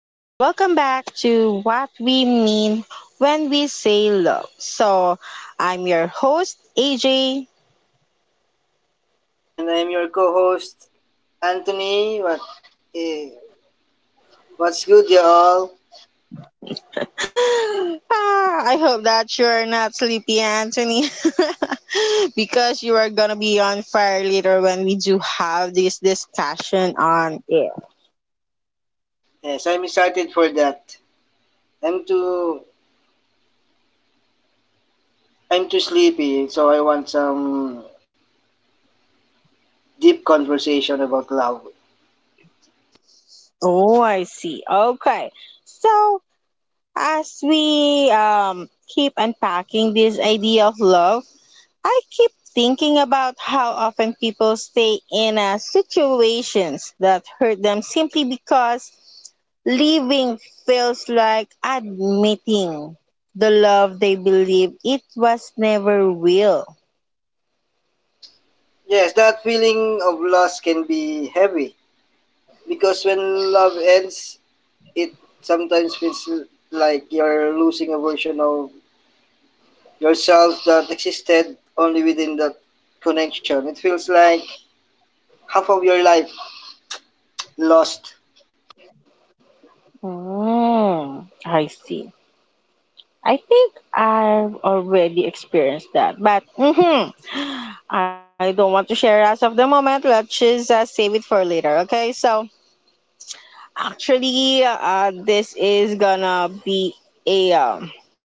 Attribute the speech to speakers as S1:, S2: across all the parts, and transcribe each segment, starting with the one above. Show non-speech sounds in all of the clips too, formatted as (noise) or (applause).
S1: and welcome back to What We Mean When We Say Love. I'm your host, AJ. (gasps)
S2: And I'm your co-host Anthony. Eh, what's good, y'all?
S1: Ah, I hope that you're not sleepy, Anthony, (laughs) because you are gonna be on fire later when we do have this discussion on it.
S2: Yes, I'm excited for that. I'm too I'm too sleepy, so I want some deep conversation about love.
S1: Oh, I see. Okay. So, as we keep unpacking this idea of love, I keep thinking about how often people stay in situations that hurt them simply because leaving feels like admitting the love they believe it was never real.
S2: Yes, that feeling of loss can be heavy because when love ends, it sometimes feels like you're losing a version of yourself that existed only within that connection. It feels like half of your life lost.
S1: Mm, I see. I think I've already experienced that, but mhm, I don't want to share as of the moment. Let's just save it for later, okay? Actually, this is gonna be a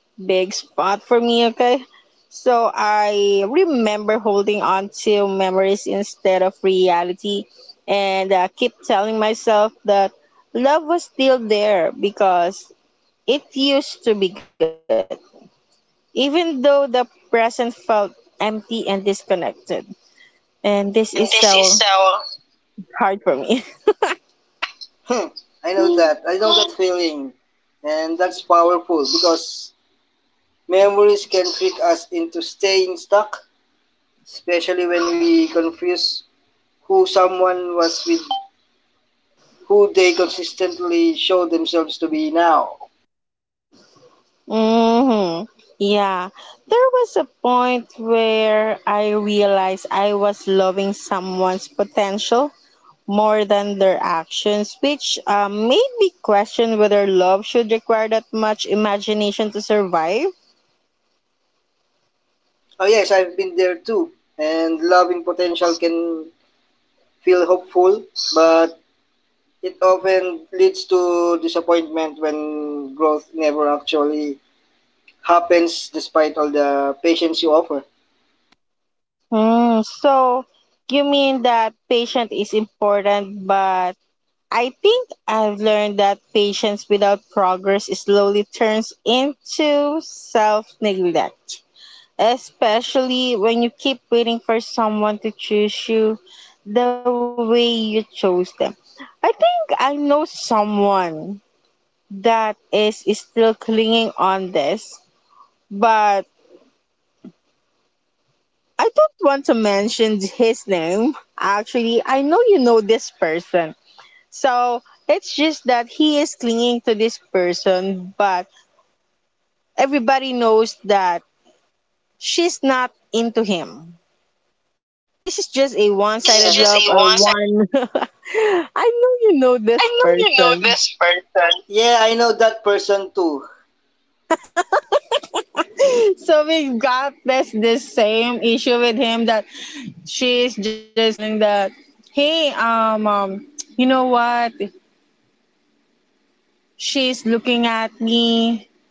S1: big spot for me, okay? So I remember holding on to memories instead of reality and keep telling myself that love was still there because it used to be good, even though the present felt empty and disconnected. And this is
S2: And this is
S1: so
S2: so
S1: hard for me.
S2: (laughs) I know
S1: (laughs)
S2: that. I know that feeling. And that's powerful because memories can trick us into staying stuck, especially when we confuse who someone was with who they consistently show themselves to be now.
S1: Mm-hmm. Yeah. There was a point where I realized I was loving someone's potential more than their actions, which made me question whether love should require that much imagination to survive.
S2: Oh, yes, I've been there too. And loving potential can feel hopeful, but it often leads to disappointment when growth never actually happens despite all the patience you offer.
S1: Mm, so, you mean that patience is important, but I think I've learned that patience without progress slowly turns into self neglect, especially when you keep waiting for someone to choose you the way you chose them. I think I know someone that is still clinging on this, but I don't want to mention his name. Actually, I know you know this person. So it's just that he is clinging to this person, but everybody knows that she's not into him. This is just a one
S2: It's yeah,
S1: sided
S2: just
S1: love
S2: a
S1: or
S2: one side.
S1: one. (laughs) I know you
S2: (laughs)
S1: know this
S2: I know you know
S1: person.
S2: this person. Yeah, I know that person too.
S1: So we got this same issue with him that she's just telling that, hey, you know what? She's looking at me.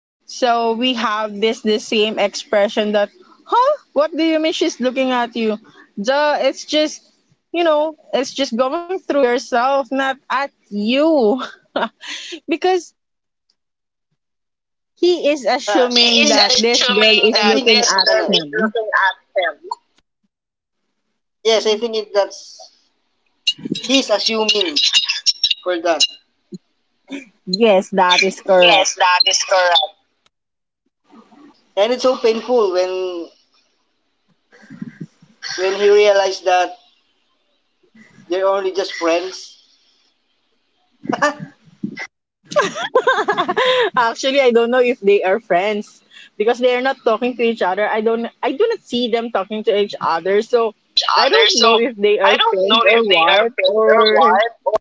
S1: So we have this the same expression that, huh? What do you mean she's looking at you? Duh, it's just, you know, it's just going through yourself, not at you. (laughs) because he is
S2: He I
S1: assuming
S2: is think
S1: that this
S2: assuming I
S1: girl
S2: that
S1: is
S2: think this that,
S1: looking
S2: girl
S1: at
S2: is looking
S1: him.
S2: at him. Yes, I think it, that's he's assuming for that.
S1: Yes, that is
S2: Yes,
S1: correct.
S2: that is correct. And it's so painful when he realized that they're only just friends.
S1: (laughs) Actually, I don't know if they are friends because they are not talking to each other. I don't I do not see them talking to each other. So,
S2: Each
S1: I
S2: other.
S1: don't
S2: So
S1: know if they
S2: I
S1: are
S2: don't know
S1: friends
S2: if
S1: or
S2: they are
S1: what,
S2: friends
S1: or
S2: or what.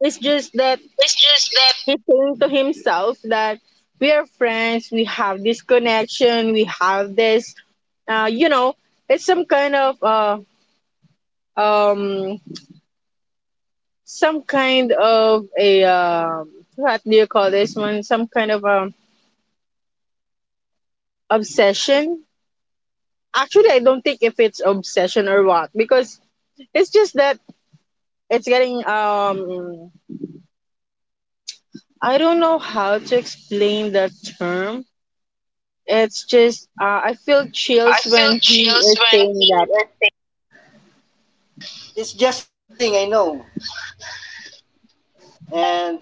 S1: it's just that
S2: It's just that
S1: he's saying to himself that we are friends, we have this connection, we have this you know, it's um some kind of a what do you call this one, some kind of obsession. Actually, I don't think if it's obsession or what, because it's just that it's getting I don't know how to explain the term. It's just I
S2: it's
S1: feel
S2: just I
S1: chills
S2: feel
S1: when he
S2: chills
S1: is
S2: when he
S1: saying that,
S2: is saying. It's just his feeling, I know. And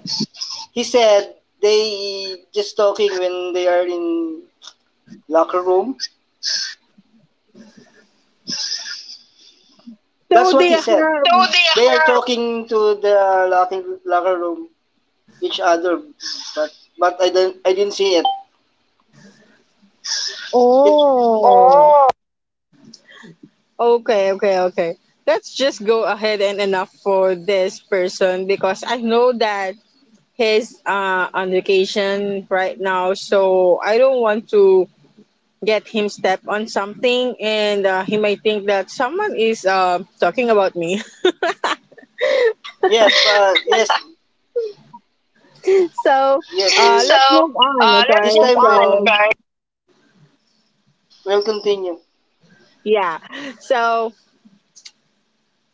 S2: he said they just talking when they are in locker room. That's
S1: so
S2: what
S1: they
S2: he
S1: have.
S2: said. So they are talking to the locker room each other, but I don't I didn't see it. It.
S1: Oh,
S2: Oh,
S1: okay, let's just go ahead and enough for this person because I know that he's on vacation right now, so I don't want to get him step on something, and he might think that someone is talking about me.
S2: yes, but yes, (laughs)
S1: (laughs) So
S2: yes. So
S1: let's move on,
S2: let's. This
S1: okay?
S2: move time on,
S1: So
S2: when guys. We'll continue.
S1: yeah, so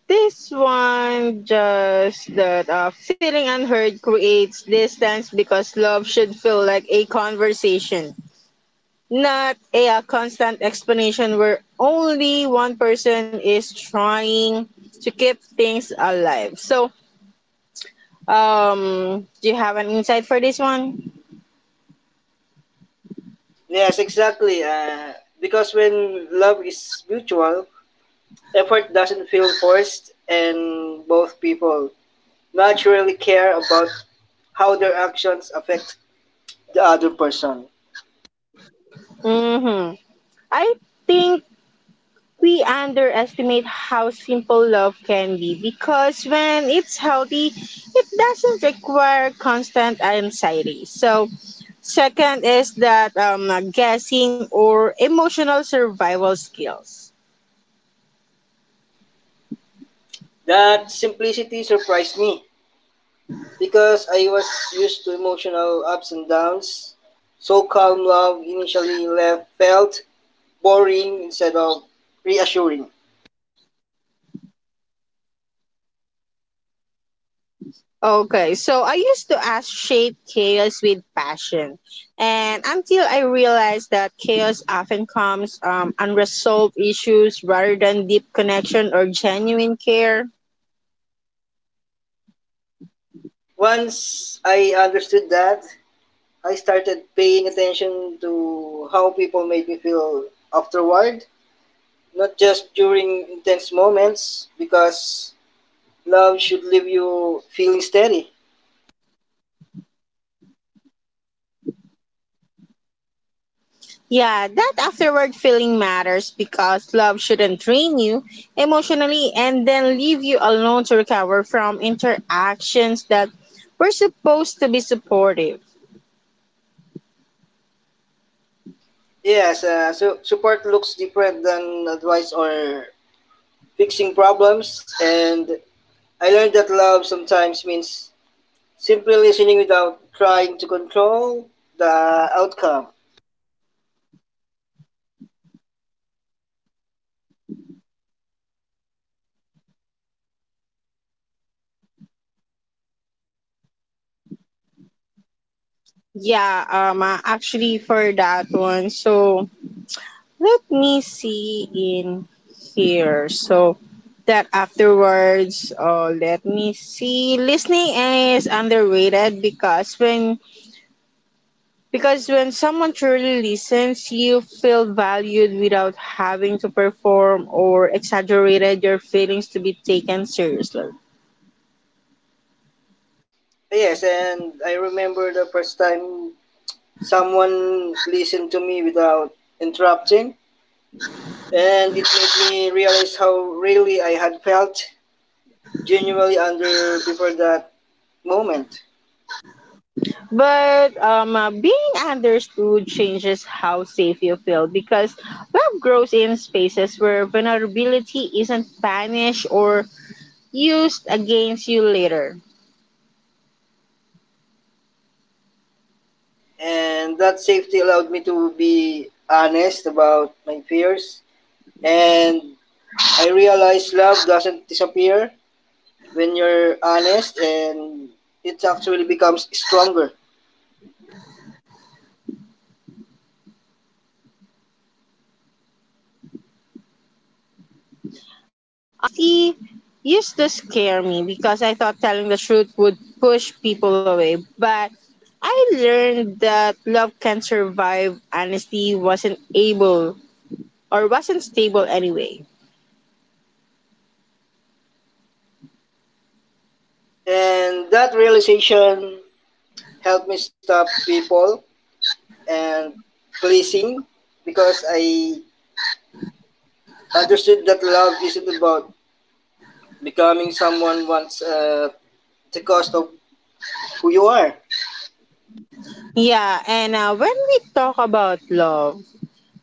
S1: this one just that feeling unheard creates distance because love should feel like a conversation, not a, constant explanation where only one person is trying to keep things alive. So, do you have an insight for this one?
S2: Yes, exactly. Because when love is mutual, effort doesn't feel forced, and both people naturally care about how their actions affect the other person.
S1: Mm-hmm. I think we underestimate how simple love can be because when it's healthy, it doesn't require constant anxiety. So, second is that guessing or emotional survival skills.
S2: That simplicity surprised me because I was used to emotional ups and downs. So calm love initially left felt boring instead of reassuring.
S1: Okay, so I used to associate chaos with passion, and until I realized that chaos often comes unresolved issues rather than deep connection or genuine care.
S2: Once I understood that, I started paying attention to how people made me feel afterward, not just during intense moments, because love should leave you feeling steady.
S1: Yeah, that afterward feeling matters because love shouldn't drain you emotionally and then leave you alone to recover from interactions that were supposed to be supportive.
S2: Yes, so support looks different than advice or fixing problems, and I learned that love sometimes means simply listening without trying to control the outcome.
S1: Yeah, actually for that one, so. Let me see in here. So that afterwards, let me see. Listening is underrated because when someone truly listens, you feel valued without having to perform or exaggerated your feelings to be taken seriously.
S2: Yes, and I remember the first time someone listened to me without interrupting, and it made me realize how really I had felt genuinely under before that moment.
S1: But being understood changes how safe you feel because love grows in spaces where vulnerability isn't banished or used against you later.
S2: And that safety allowed me to be honest about my fears. And I realized love doesn't disappear when you're honest, and it actually becomes stronger.
S1: Honesty used to scare me because I thought telling the truth would push people away, but I learned that love can survive honesty wasn't able or wasn't stable anyway.
S2: And that realization helped me stop people and pleasing because I understood that love isn't about becoming someone once at the cost of who you are.
S1: Yeah, and when we talk about love,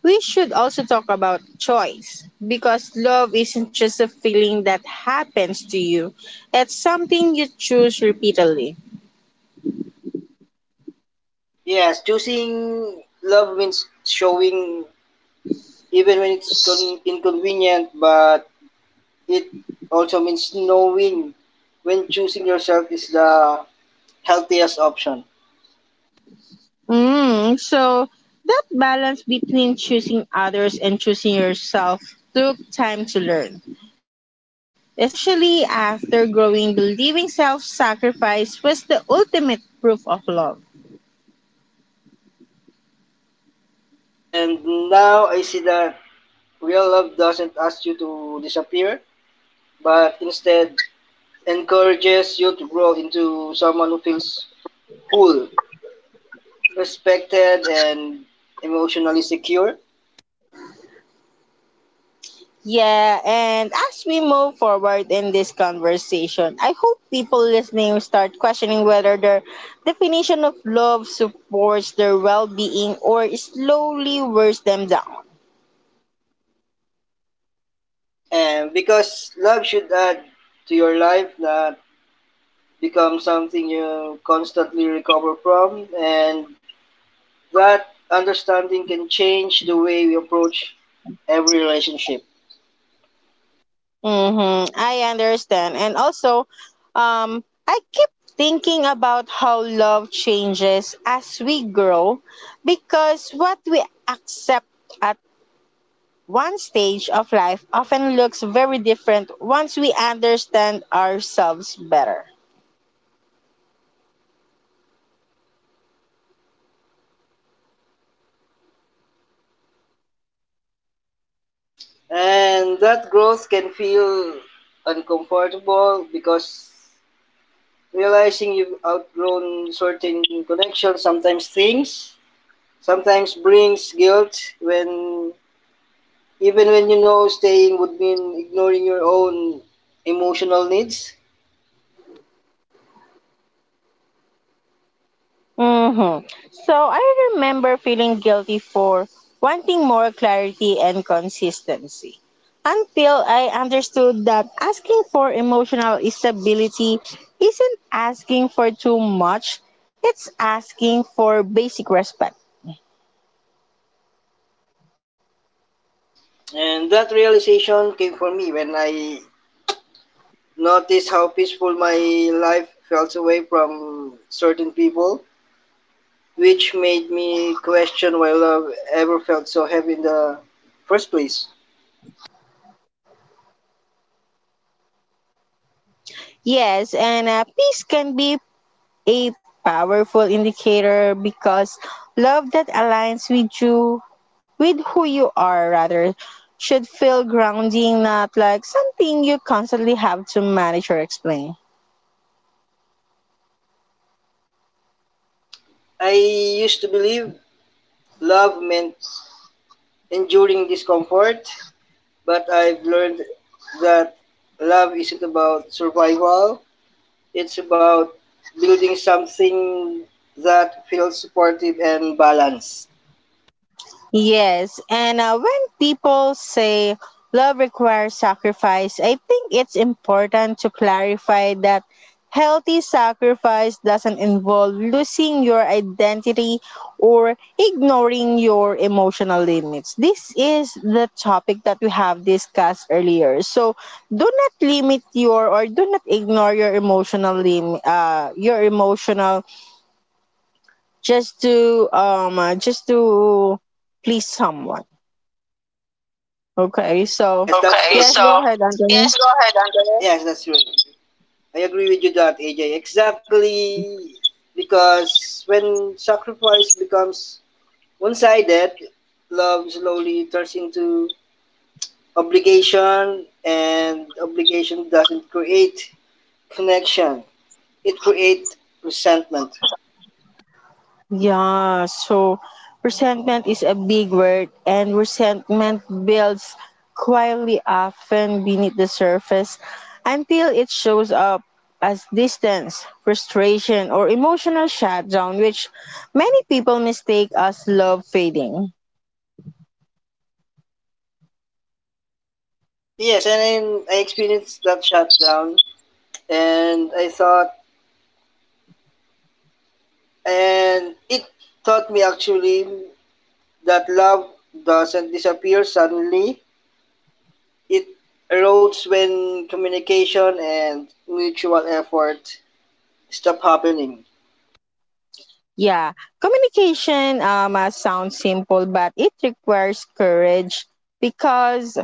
S1: we should also talk about choice because love isn't just a feeling that happens to you, it's something you choose repeatedly.
S2: Yes, choosing love means showing even when it's inconvenient, but it also means knowing when choosing yourself is the healthiest option.
S1: Mm, so that balance between choosing others and choosing yourself took time to learn, especially after growing believing self-sacrifice was the ultimate proof of love.
S2: And now I see that real love doesn't ask you to disappear, but instead encourages you to grow into someone who feels whole, respected, and emotionally secure.
S1: Yeah, and as we move forward in this conversation, I hope people listening start questioning whether their definition of love supports their well-being or slowly wears them down.
S2: And because love should add to your life, not become something you constantly recover from. And that understanding can change the way we approach every relationship.
S1: Mm-hmm. I understand. And also, I keep thinking about how love changes as we grow because what we accept at one stage of life often looks very different once we understand ourselves better.
S2: And that growth can feel uncomfortable because realizing you've outgrown certain connections sometimes brings guilt when even when you know staying would mean ignoring your own emotional needs.
S1: Mm-hmm. So I remember feeling guilty for wanting more clarity and consistency until I understood that asking for emotional stability isn't asking for too much, it's asking for basic respect.
S2: And that realization came for me when I noticed how peaceful my life felt away from certain people, which made me question why love ever felt so heavy in the first place.
S1: Yes, and peace can be a powerful indicator because love that aligns with you, with who you are, rather, should feel grounding, not like something you constantly have to manage or explain.
S2: I used to believe love meant enduring discomfort, but I've learned that love isn't about survival, it's about building something that feels supportive and balanced.
S1: Yes, and when people say love requires sacrifice, I think it's important to clarify that healthy sacrifice doesn't involve losing your identity or ignoring your emotional limits. This is the topic that we have discussed earlier. So do not limit your, or do not ignore your emotional lim your emotional, just to please someone. Okay, so
S2: Yes, that's okay, true.
S1: yes,
S2: So
S1: go ahead, Anthony.
S2: yes, go ahead, Andrea. Yes, that's true. I agree with you that AJ. Exactly, because when sacrifice becomes one-sided, love slowly turns into obligation, and obligation doesn't create connection. It creates resentment.
S1: Yeah, so resentment is a big word, and resentment builds quietly, often beneath the surface, until it shows up as distance, frustration, or emotional shutdown, which many people mistake as love fading.
S2: Yes, and I experienced that shutdown, and I thought, and it taught me actually that love doesn't disappear suddenly. It erodes when communication and mutual effort stop happening.
S1: Yeah, communication sounds simple, but it requires courage because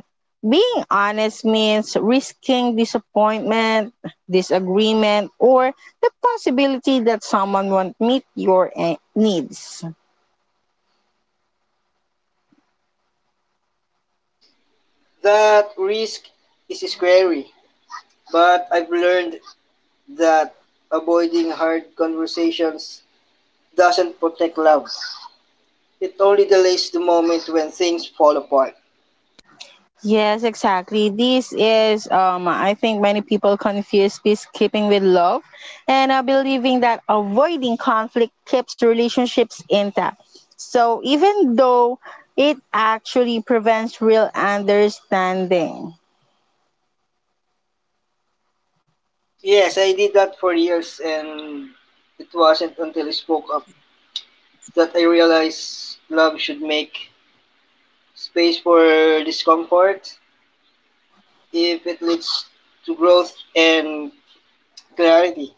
S1: being honest means risking disappointment, disagreement, or the possibility that someone won't meet your needs.
S2: That risk is scary, but I've learned that avoiding hard conversations doesn't protect love. It only delays the moment when things fall apart.
S1: Yes, exactly. This is, I think many people confuse peacekeeping with love and believing that avoiding conflict keeps relationships intact. So, even though it actually prevents real understanding.
S2: Yes, I did that for years, and it wasn't until I spoke up that I realized love should make space for discomfort if it leads to growth and clarity.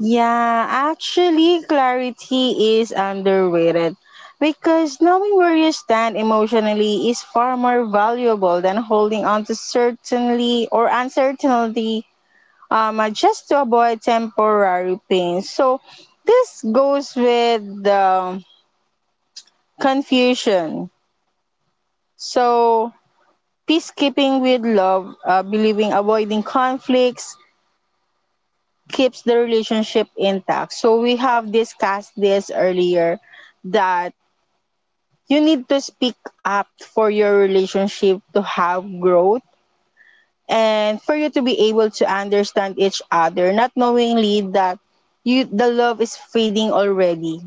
S1: Yeah, actually, clarity is underrated because knowing where you stand emotionally is far more valuable than holding on to certainly or uncertainty just to avoid temporary pain. So this goes with the confusion. So peacekeeping with love, believing avoiding conflicts keeps the relationship intact. So we have discussed this earlier that you need to speak up for your relationship to have growth and for you to be able to understand each other, not knowingly that you the love is fading already.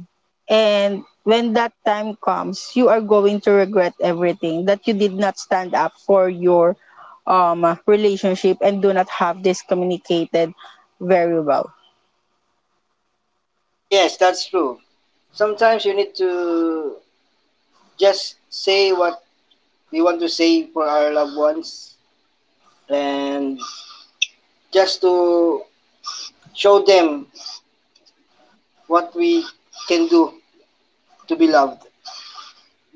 S1: And when that time comes, you are going to regret everything that you did not stand up for your relationship and do not have this communicated very well.
S2: Yes, that's true. Sometimes you need to just say what we want to say for our loved ones and just to show them what we can do to be loved.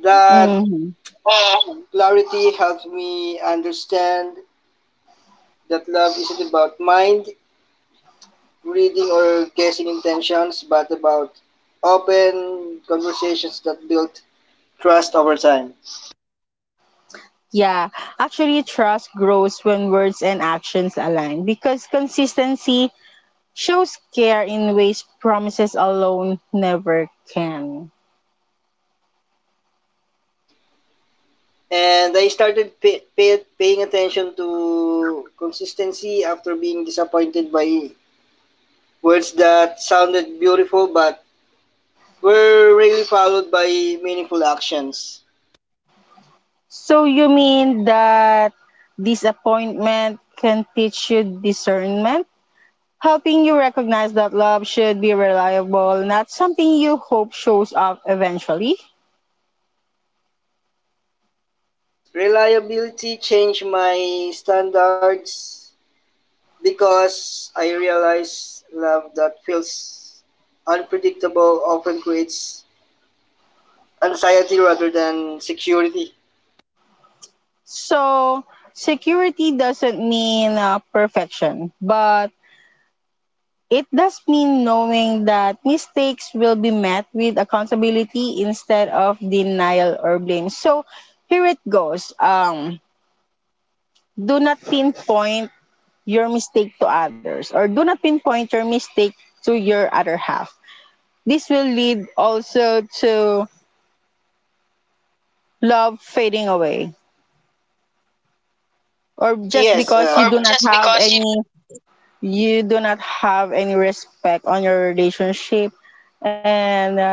S2: That.
S1: Hmm.
S2: Mm, clarity helped me understand that love isn't about mind reading or guessing intentions, but about open conversations that build trust over time.
S1: Yeah, actually, trust grows when words and actions align because consistency shows care in ways promises alone never can.
S2: And I started paying attention to consistency after being disappointed by words that sounded beautiful but were rarely followed by meaningful actions.
S1: So you mean that disappointment can teach you discernment? Helping you recognize that love should be reliable, not something you hope shows up eventually.
S2: Yes, reliability changed my standards, because I realize love that feels unpredictable often creates anxiety rather than security.
S1: So, security doesn't mean perfection, but it does mean knowing that mistakes will be met with accountability instead of denial or blame. So, here it goes. Do not pinpoint your mistake to others, or do not pinpoint your mistake to your other half. This will lead also to love fading away, or just
S2: Yes,
S1: because you
S2: or
S1: do not
S2: just
S1: have
S2: because you,
S1: any respect on your relationship, and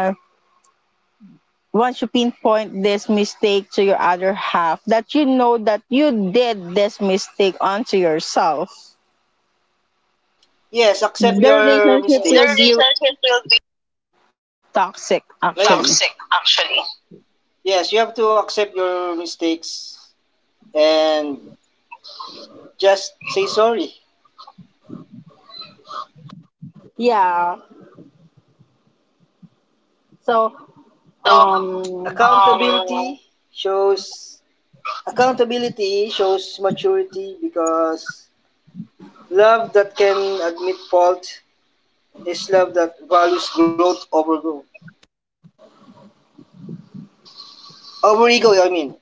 S1: once you pinpoint this mistake to your other half that you know that you did this mistake onto yourself,
S2: yes, accept
S1: the
S2: your the
S1: relationship
S2: mistakes. The
S1: will be
S2: relationship will be.
S1: toxic actually.
S2: Yes, toxic yes, actually yes, you have to accept your mistakes and just say sorry. So
S1: Yeah, so
S2: and so,
S1: Um,
S2: accountability um, shows accountability shows maturity, because love that can admit fault is love that values growth over ego. Over ego, I mean.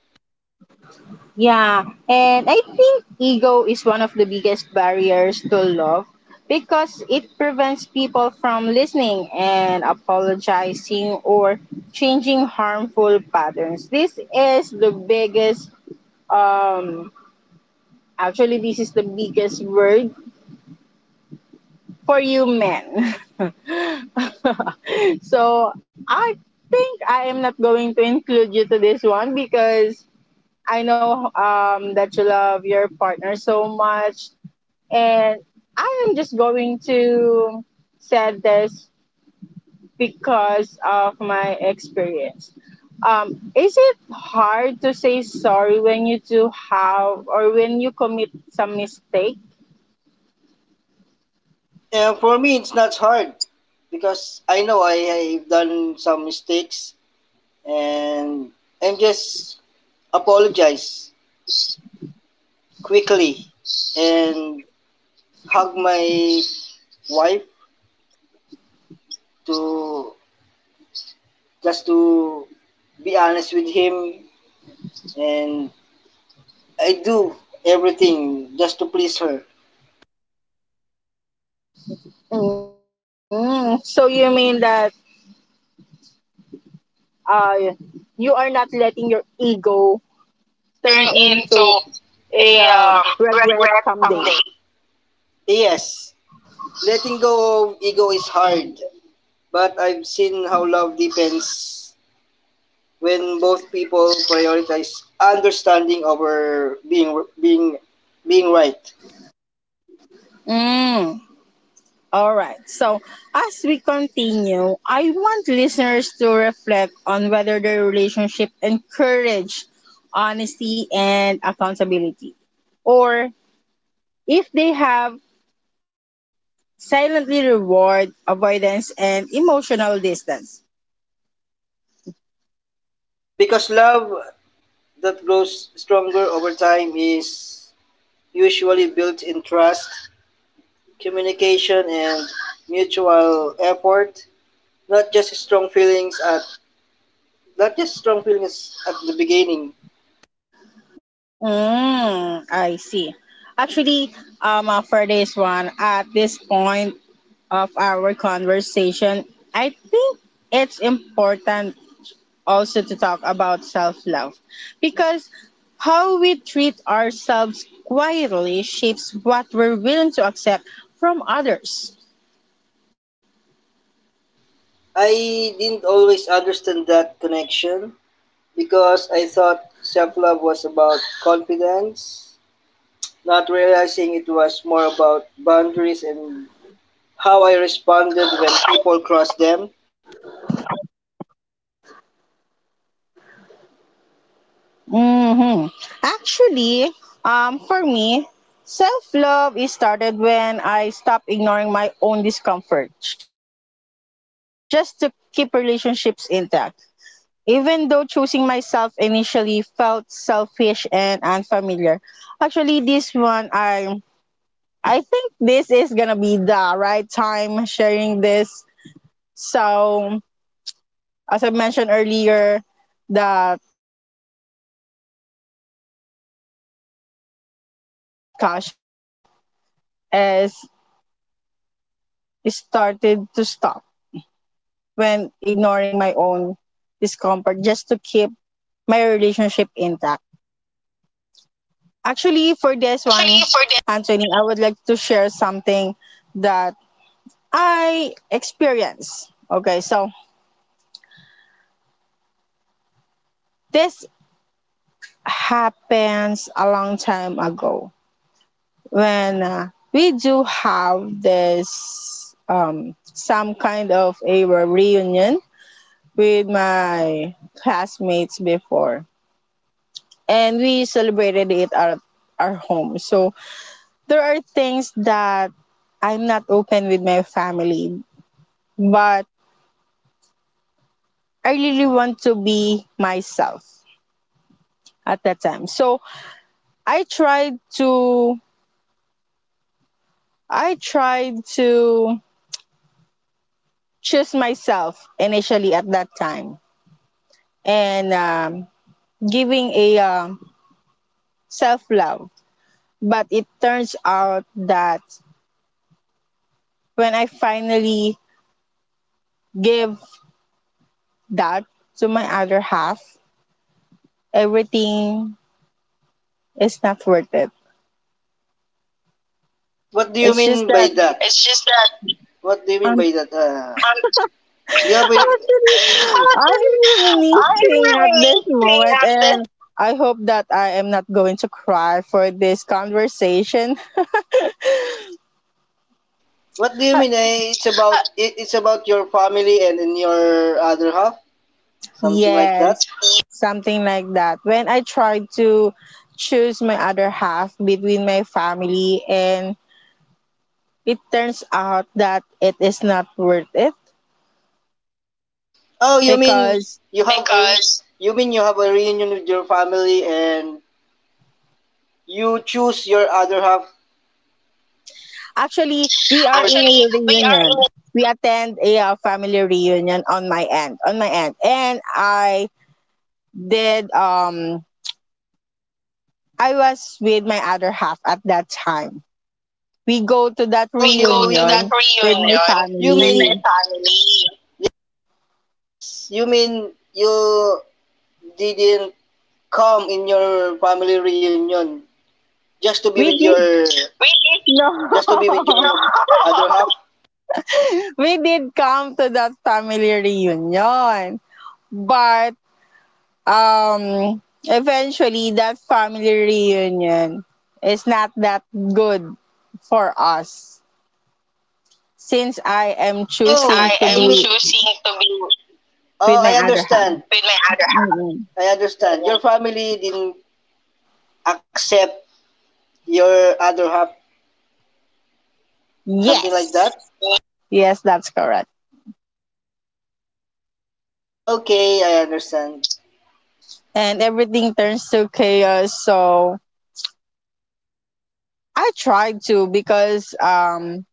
S1: yeah, and I think ego is one of the biggest barriers to love because it prevents people from listening and apologizing or changing harmful patterns. This is the biggest, um, actually, this is the biggest word for you men. (laughs) So I think I am not going to include you to this one because I know that you love your partner so much. And I am just going to say this because of my experience. Is it hard to say sorry when you do have or when you commit some mistake?
S2: And for me, it's not hard because I know I have done some mistakes and I'm just apologize quickly and hug my wife to just to be honest with him and I do everything just to please her.
S1: Mm, so you mean that uh, you are not letting your ego turn into
S2: Turn
S1: a
S2: into a
S1: regret someday?
S2: regret someday. Yes, letting go of ego is hard, but I've seen how love depends when both people prioritize understanding over being being right.
S1: Mm. All right. So, as we continue, I want listeners to reflect on whether their relationship encourage honesty and accountability, or if they have silently reward avoidance and emotional distance.
S2: Because love that grows stronger over time is usually built in trust, communication, and mutual effort, not just strong feelings at. The just strong feeling is at the beginning.
S1: Mm, I see. Actually, for this one, at this point of our conversation, I think it's important also to talk about self love, because how we treat ourselves quietly shapes what we're willing to accept from others.
S2: I didn't always understand that connection because I thought self love was about confidence, not realizing it was more about boundaries and how I responded when people crossed them.
S1: Hmm. Actually, for me, self love is started when I stopped ignoring my own discomfort just to keep relationships intact. Even though choosing myself initially felt selfish and unfamiliar, actually, this one I think this is gonna be the right time sharing this. So, as I mentioned earlier, that we are going to be on this part of our discussion when self love has started to stop, when ignoring my own discomfort just to keep my relationship intact. Actually, for this
S2: Actually,
S1: one,
S2: for them,
S1: Anthony, I would like to share something that I experienced. Okay, so this happens a long time ago when we do have this some kind of a reunion with my classmates before, and we celebrated it at our home. So there are things that I'm not open with my family, but I really want to be myself at that time. So I tried to I tried to choose myself initially at that time and giving a self love. But it turns out that when I finally give that to my other half, everything is not worth it.
S2: what do you
S1: It's just
S2: mean by
S1: that
S2: that? It's just that what do you mean
S1: um,
S2: by that? (laughs) Do you have a, (laughs)
S1: (laughs) actually, I'm really
S2: I- I'm
S1: missing at this
S2: really missing
S1: moment,
S2: at this.
S1: and I hope that I am not going to cry for this conversation.
S2: What do you mean,
S1: (laughs)
S2: eh? It's about it's about your family and in your other half, something like
S1: Yes,
S2: that.
S1: something like that. When I tried to choose my other half between my family and it turns out that it is not worth it
S2: Oh, you mean
S1: because
S2: you have because a, you mean you have a reunion with your family and you choose your other half.
S1: actually we are in a
S2: Actually, we are in,
S1: reunion. We attend a family reunion on my end, And I did I was with my other half at that time. We go to that
S2: oh, we you go you to mean, that
S1: reunion with my
S2: reunion you with
S1: family.
S2: mean with my family. You mean you didn't come in your family reunion just to be
S1: We
S2: with your.
S1: did
S2: We did
S1: (laughs) no.
S2: just to be with your (laughs) other half.
S1: We did come to that family reunion. But eventually that family reunion is not that good for us since I am
S2: Since Oh,
S1: choosing
S2: I
S1: to
S2: am mean-
S1: be
S2: Choosing to be. Oh,
S1: with my
S2: I
S1: other half.
S2: understand. With my other half.
S1: Mm-mm.
S2: I understand. Your family didn't accept your other half, something like
S1: Yes.
S2: that?
S1: Yes, that's correct.
S2: Okay, I understand.
S1: And everything turns to chaos. So I tried to because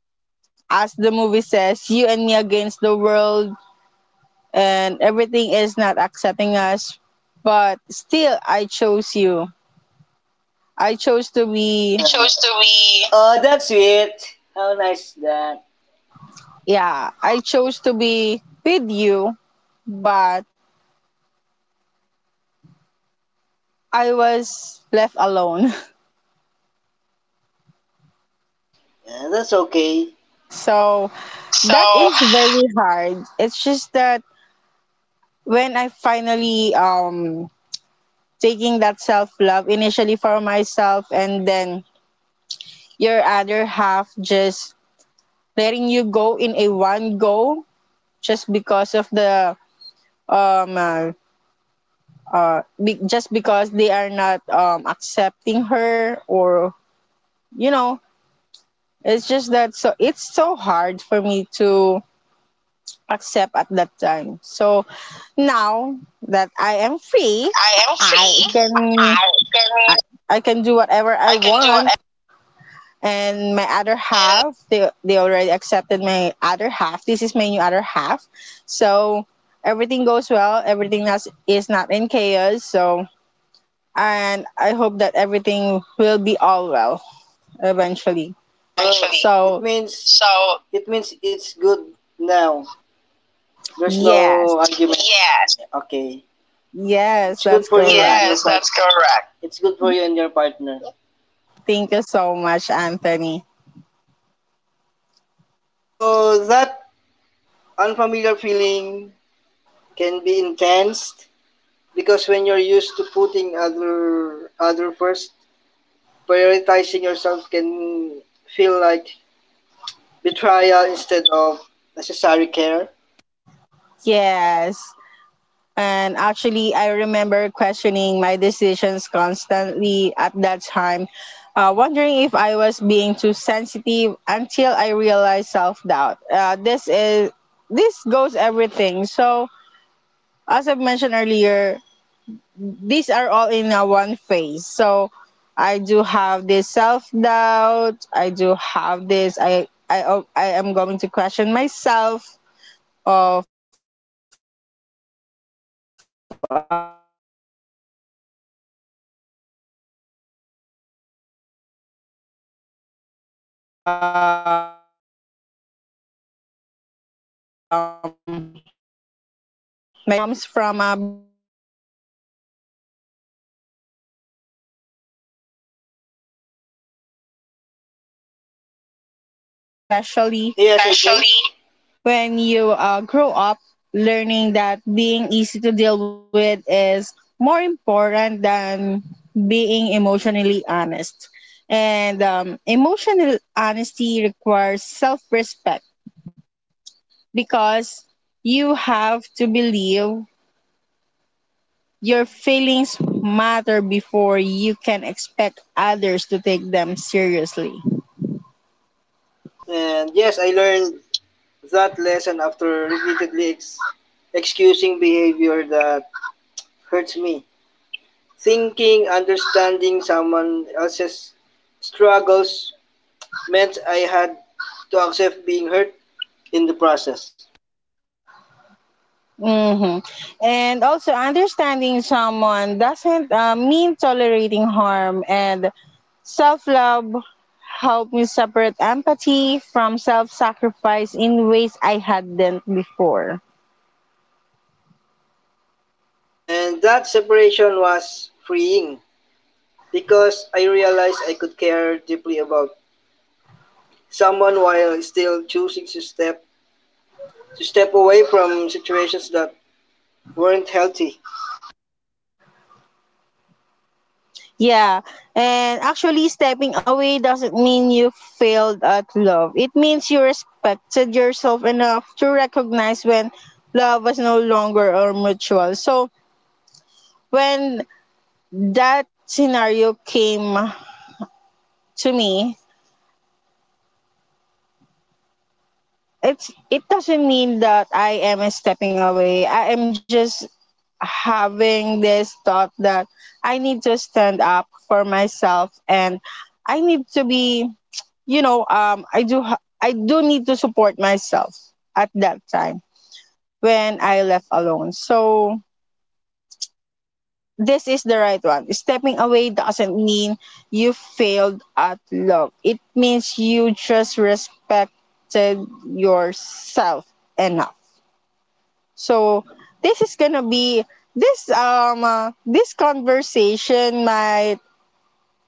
S1: as the movie says, you and me against the world, and everything is not accepting us. But still, I chose you. I chose to
S2: I
S1: be,
S2: yeah, chose to be. Oh, that's sweet. How nice is that.
S1: yeah, I chose to be with you, but I was left alone. (laughs)
S2: Yeah, that's okay.
S1: So
S2: So
S1: that is very hard. It's just that when I finally taking that self love initially for myself and then your other half just letting you go in a one go just because of the um uh, just because they are not accepting her or you know it's just that so it's so hard for me to accept at that time. So now that I am free,
S2: that I am
S1: I
S2: free.
S1: can
S2: I
S1: i,
S2: can
S1: I can do whatever I
S2: I can do what
S1: want.
S2: I,
S1: And my other
S2: and
S1: half, they already accepted my other half. This is my new other half. So everything goes well, everything else is not in chaos. So, and I hope that everything will be all well eventually.
S2: oh, eventually.
S1: So,
S2: It means so it means it's good now. There's
S1: yes,
S2: no argument. Yes. Okay.
S1: yes,
S2: It's good
S1: that's
S2: for you. Yes, and
S1: correct.
S2: your yes, that's correct. It's good for you and your partner.
S1: Thank you so much, Anthony.
S2: So that unfamiliar feeling can be intense because when you're used to putting other first, prioritizing yourself can feel like betrayal instead of necessary care.
S1: Yes. And actually, I remember questioning my decisions constantly at that time, wondering if I was being too sensitive until I realized self doubt. This is this goes everything. So, as I've mentioned earlier, these are all in a one phase. So I do have this self doubt. I do have this. I am going to question myself of my decision. So often comes from being conditioned to minimize your own feelings. So actually, these conditions, this conditioning runs deep, especially
S2: Yes, I did.
S1: when you grow up learning that being easy to deal with is more important than being emotionally honest, and emotional honesty requires self-respect, because you have to believe your feelings matter before you can expect others to take them seriously.
S2: And yes, I learned that lesson after repeatedly excusing behavior that hurts me. Thinking, understanding someone else's struggles meant I had to accept being hurt in the process.
S1: Hmm. And also, understanding someone doesn't mean tolerating harm, and self love helped me separate empathy from self sacrifice in ways I hadn't before.
S2: And that separation was freeing because I realized I could care deeply about someone while still choosing to step away from situations that weren't healthy.
S1: Yeah, and actually, stepping away doesn't mean you failed at love. It means you respected yourself enough to recognize when love was no longer or mutual. So, when that scenario came to me, it doesn't mean that I am stepping away. I am just having this thought that I need to stand up for myself and I need to be, you know, I do need to support myself at that time when I left alone. So this is the right one. Stepping away doesn't mean you failed at love. It means you just respected yourself enough. So this is gonna be this conversation might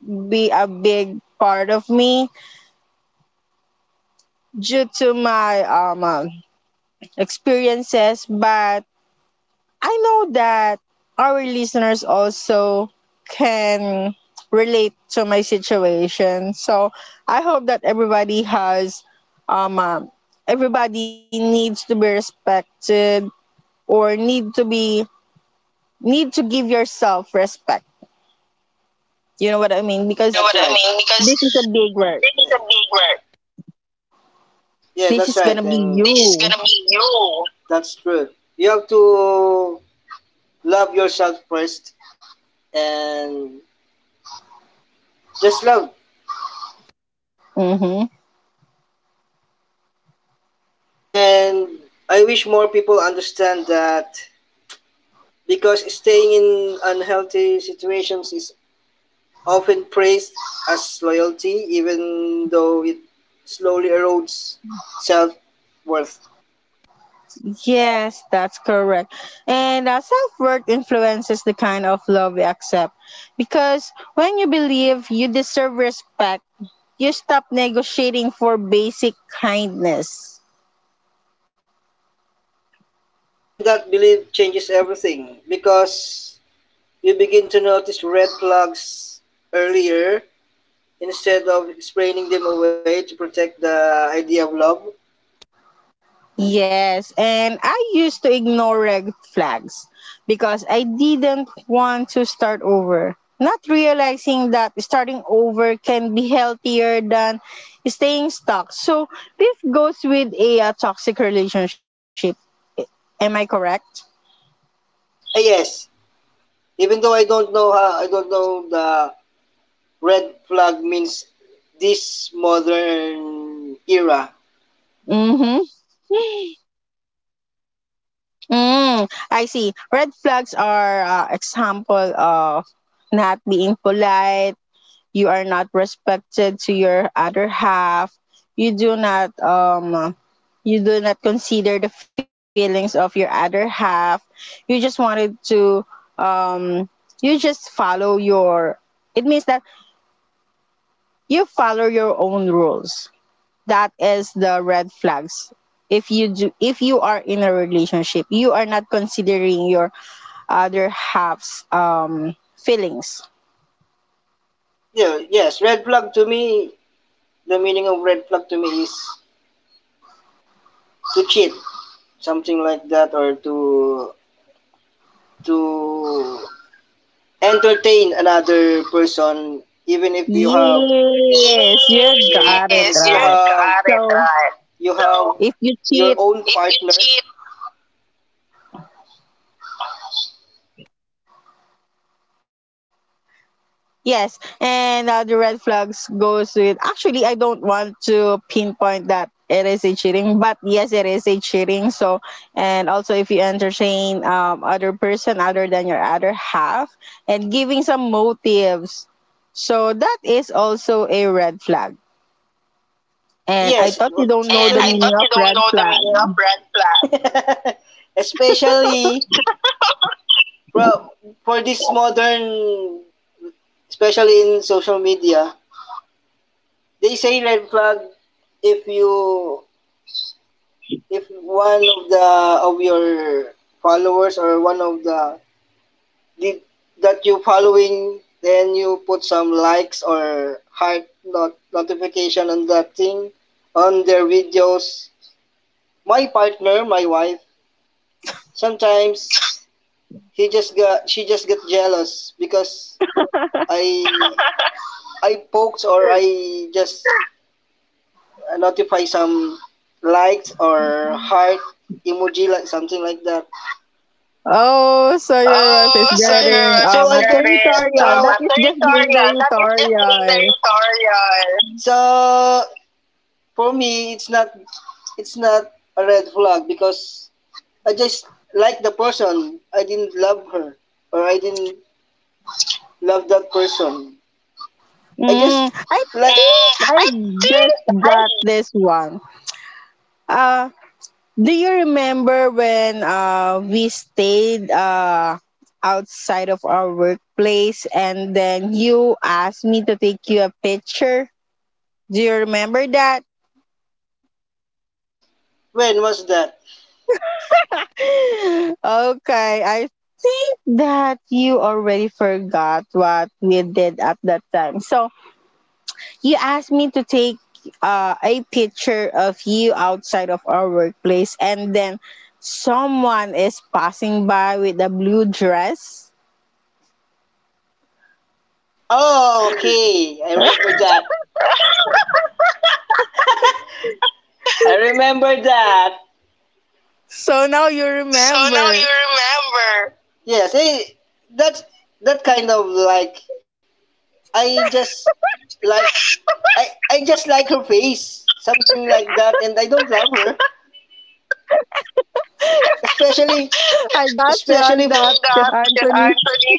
S1: be a big part of me due to my experiences, but I know that our listeners also can relate to my situation. So I hope that everybody has um uh, everybody needs to be respected or need to give yourself respect. You know what I mean?
S2: Yes, you
S1: Because
S2: know what right, I mean?
S1: this is a
S2: Because
S1: big work.
S2: this is a big work. Yeah,
S1: This
S2: that's
S1: is
S2: right.
S1: gonna be
S2: And this is
S1: you.
S2: gonna be you. That's true. You have to love yourself first and just love.
S1: Hmm.
S2: And I wish more people understand that because staying in unhealthy situations is often praised as loyalty, even though it slowly erodes self worth.
S1: Yes, that's correct. And self worth influences the kind of love we accept. Because when you believe you deserve respect, you stop negotiating for basic kindness.
S2: And that belief changes everything because you begin to notice red flags earlier instead of spraying them away to protect the idea of love.
S1: Yes, and I used to ignore red flags because I didn't want to start over. Not realizing that starting over can be healthier than staying stuck. So this goes with a, toxic relationship. Am I correct?
S2: Yes, even though I don't know how, I don't know the red flag means this modern era.
S1: Mm-hmm. Mm, I see. Red flags are example of not being polite, you are not respected to your other half, you do not um you do not consider the feelings of your other half, you just wanted to um you just follow your it means that you follow your own rules. That is the red flags. If you do, if you are in a relationship you are not considering your other half's feelings.
S2: Yeah, yes, red flag to me, the meaning of red flag to me is to cheat, something like that, or to entertain another person, even if you have.
S1: Yes, you got it
S2: Yes, if you
S1: right.
S2: got
S1: So
S2: right. You have so,
S1: if you
S2: your
S1: cheat,
S2: own partner. If you cheat,
S1: yes, and the red flags goes with. Actually, I don't want to pinpoint that it is a cheating, but yes, it is a cheating. So and also if you entertain other person other than your other half and giving some motives, so that is also a red flag. And I
S2: yes,
S1: thought you don't know
S2: especially.
S1: the
S2: And I
S1: meaning
S2: thought you
S1: of
S2: don't
S1: red
S2: know the
S1: flag.
S2: meaning of red flag. (laughs) Especially for, for this modern, especially in social media, they say red flag if you if one of your followers or one of the did that you following, then you put some likes or heart not notification on that thing on their videos. My partner, my wife, sometimes He just got she just got jealous because I (laughs) I poked or I just notify some likes or heart emoji, like something like that.
S1: Oh, so your wife
S2: Oh,
S1: is
S2: so I don't- you're
S1: getting
S2: a so I
S1: a
S2: don't- so-
S1: territorial. That is just being
S2: Territorial. That is just being
S1: territorial.
S2: territorial. So for me, it's not a red flag because I just like the person. I didn't love her or I didn't love that person. I just
S1: Mm, I
S2: like
S1: think
S2: Eh,
S1: I
S2: I think
S1: just got
S2: I.
S1: this one. Uh, do you remember when we stayed outside of our workplace and then you asked me to take you a picture? Do you remember that?
S2: When was that?
S1: (laughs) Okay, I think that you already forgot what we did at that time. So you asked me to take a picture of you outside of our workplace, and then someone is passing by with a blue dress.
S2: Oh, okay. I
S1: (laughs)
S2: remember that. (laughs) I remember that.
S1: So now you
S2: So now
S1: remember.
S2: you remember. Yes, eh, that that kind of like I just like (laughs) I just like her face, something like that, and I don't love her,
S1: I
S2: especially
S1: got you on that,
S2: especially
S1: (laughs)
S2: for that,
S1: Anthony.
S2: Anthony.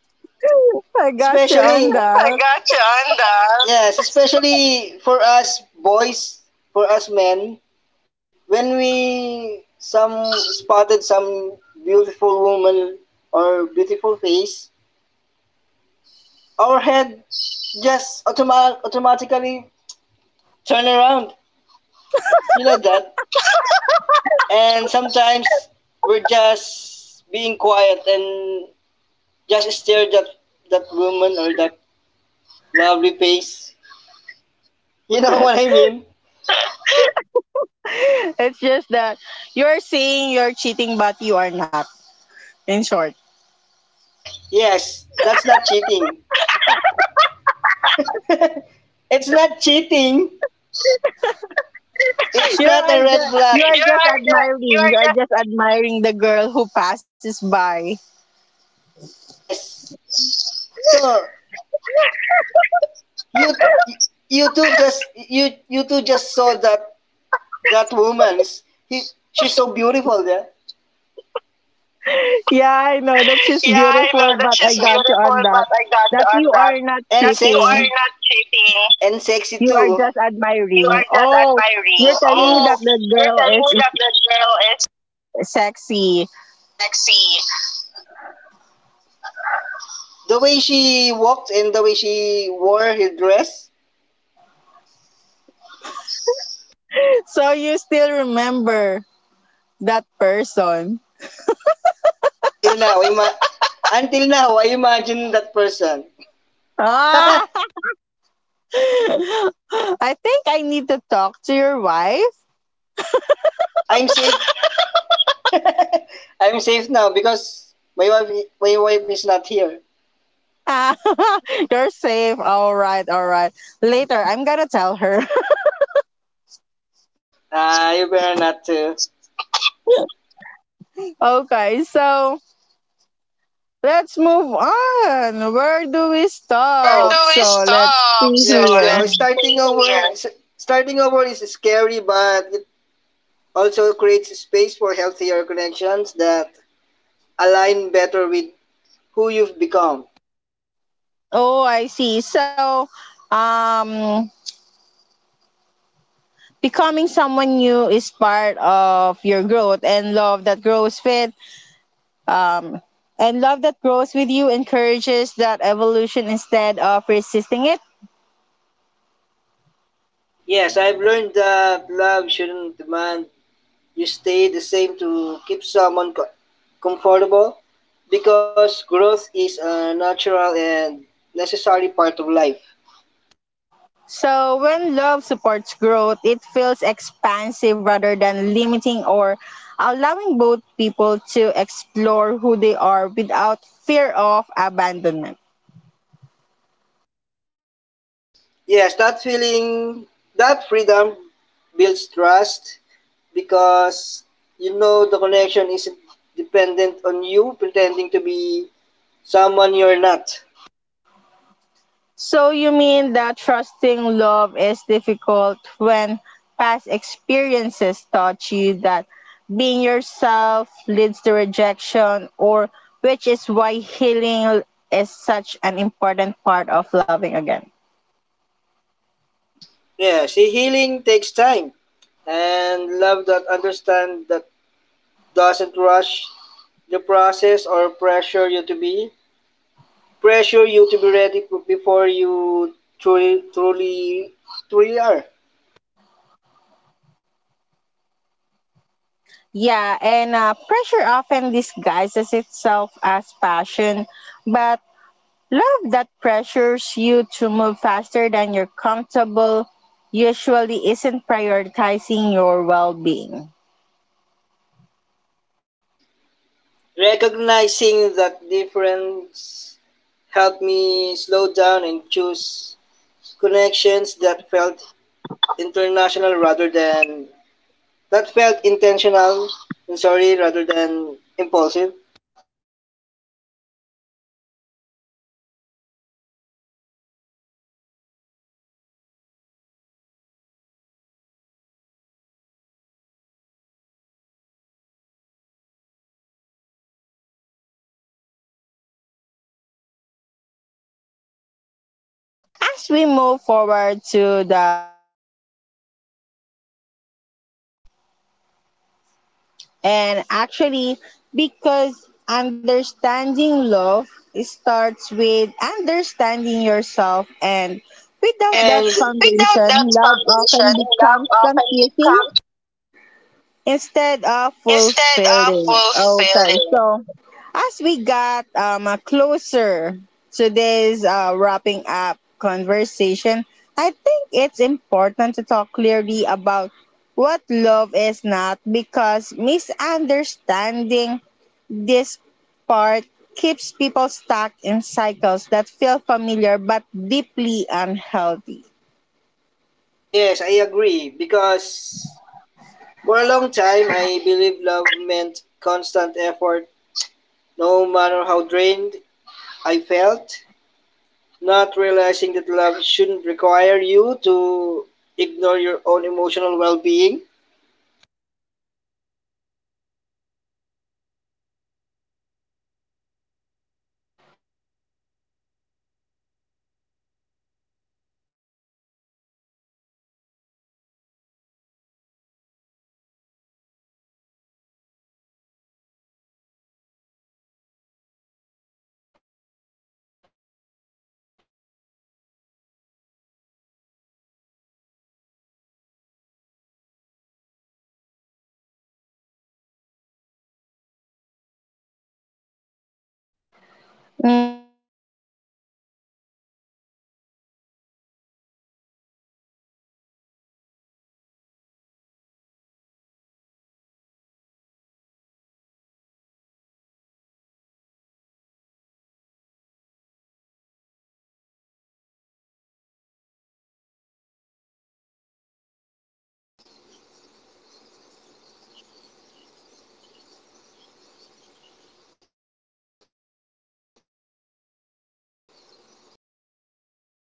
S1: (laughs) I got you on
S2: Especially,
S1: that.
S2: (laughs) I got you on that. Yes, especially for us boys, for us men, when we some spotted some beautiful woman or beautiful face, our head just automatically turn around. You know that? (laughs) And sometimes we're just being quiet and just stare that that woman or that lovely face. You know what I mean?
S1: (laughs) It's just that you're saying you're cheating, but you are not. In short.
S2: In short, yes, that's not cheating. It's not cheating. It's not a red flag.
S1: You
S2: (laughs)
S1: are just admiring. You are just admiring the girl who passes by.
S2: Yes. So you you you two just saw that that woman. He, she's so beautiful there.
S1: Yeah, I know that she's
S2: Yeah, I know
S1: beautiful,
S2: that
S1: but I
S2: she's
S1: got you
S2: beautiful,
S1: on that.
S2: but I got to
S1: That
S2: on
S1: you
S2: that.
S1: are not
S2: And that sexy. You
S1: cheating.
S2: are not cheating. And sexy
S1: You are
S2: too.
S1: just
S2: You
S1: admiring.
S2: are just
S1: Oh,
S2: admiring.
S1: you're telling me
S2: Oh,
S1: that
S2: yes.
S1: the
S2: You're telling me that
S1: is
S2: the girl is
S1: sexy.
S2: sexy. The way she walked and the way she wore her dress.
S1: So you still remember that person.
S2: Yeah, until now, (laughs) I imagine that person. (laughs)
S1: Ah, (laughs) I think I need to talk to your wife. (laughs)
S2: I'm safe. (laughs) I'm safe now because my wife is not here.
S1: You're safe. All right, all right. Later, I'm gonna tell her. (laughs)
S2: Ah, you better not to. Where So,
S1: Okay, so let's move on. Where do we
S2: where do
S1: stop?
S2: we
S1: So let's
S2: stop?
S1: see
S2: So
S1: here.
S2: yeah, so starting over, starting over is scary, but it also creates space for healthier connections that align better with who you've become.
S1: Oh, I see. So, um, becoming someone new is part of your growth and love that grows with, um, and love that grows with you encourages that evolution instead of resisting it.
S2: Yes, I've learned that love shouldn't demand you stay the same to keep someone comfortable, because growth is a natural and necessary part of life.
S1: So, when love supports growth, it feels expansive rather than limiting, or allowing both people to explore who they are without fear of abandonment.
S2: Yes, that feeling, that freedom builds trust because you know the connection isn't dependent on you pretending to be someone you're not.
S1: So, you mean that trusting love is difficult when past experiences taught you that being yourself leads to rejection, or which is why healing is such an important part of loving again?
S2: Yes, see, healing takes time and love that understand that doesn't rush the process or pressure you to be ready before you truly truly truly are.
S1: Yeah, and pressure often disguises itself as passion, but love that pressures you to move faster than you're comfortable usually isn't prioritizing your well being.
S2: Recognizing that difference helped me slow down and choose connections that felt international rather than that felt intentional. Rather than impulsive.
S1: Mm, okay, I see. So, as we move forward to the final parts for the episode, okay, so I hope that listeners reflect on how self love has influenced their relationships, choices, and boundaries. And actually, because understanding love starts with understanding yourself, and without that
S2: And without
S1: foundation,
S2: that
S1: love often
S2: foundation, love
S1: becomes
S2: often
S1: confusing
S2: becomes
S1: instead
S2: Oh,
S1: of
S2: yes, instead of
S1: fulfilling. Okay,
S2: fulfilling.
S1: so as we got closer to this wrapping up conversation, I think it's important to talk clearly about what love is not, because misunderstanding this part keeps people stuck in cycles that feel familiar but deeply
S2: Yes, I
S1: unhealthy.
S2: agree. Because for a long time, I believed love meant constant effort, no matter how drained I felt. Not realizing that love shouldn't require you to ignore your own emotional well being.
S1: Mm, so love is not control, even though control often show up pretending to be concern, protection, or intense interest in every part of your life. And you also, I know that you also experience some confusion firsthand, because
S2: Yes,
S1: someone
S2: AJ?
S1: wanting constant updates felt caring at first until it slowly turned into anxiety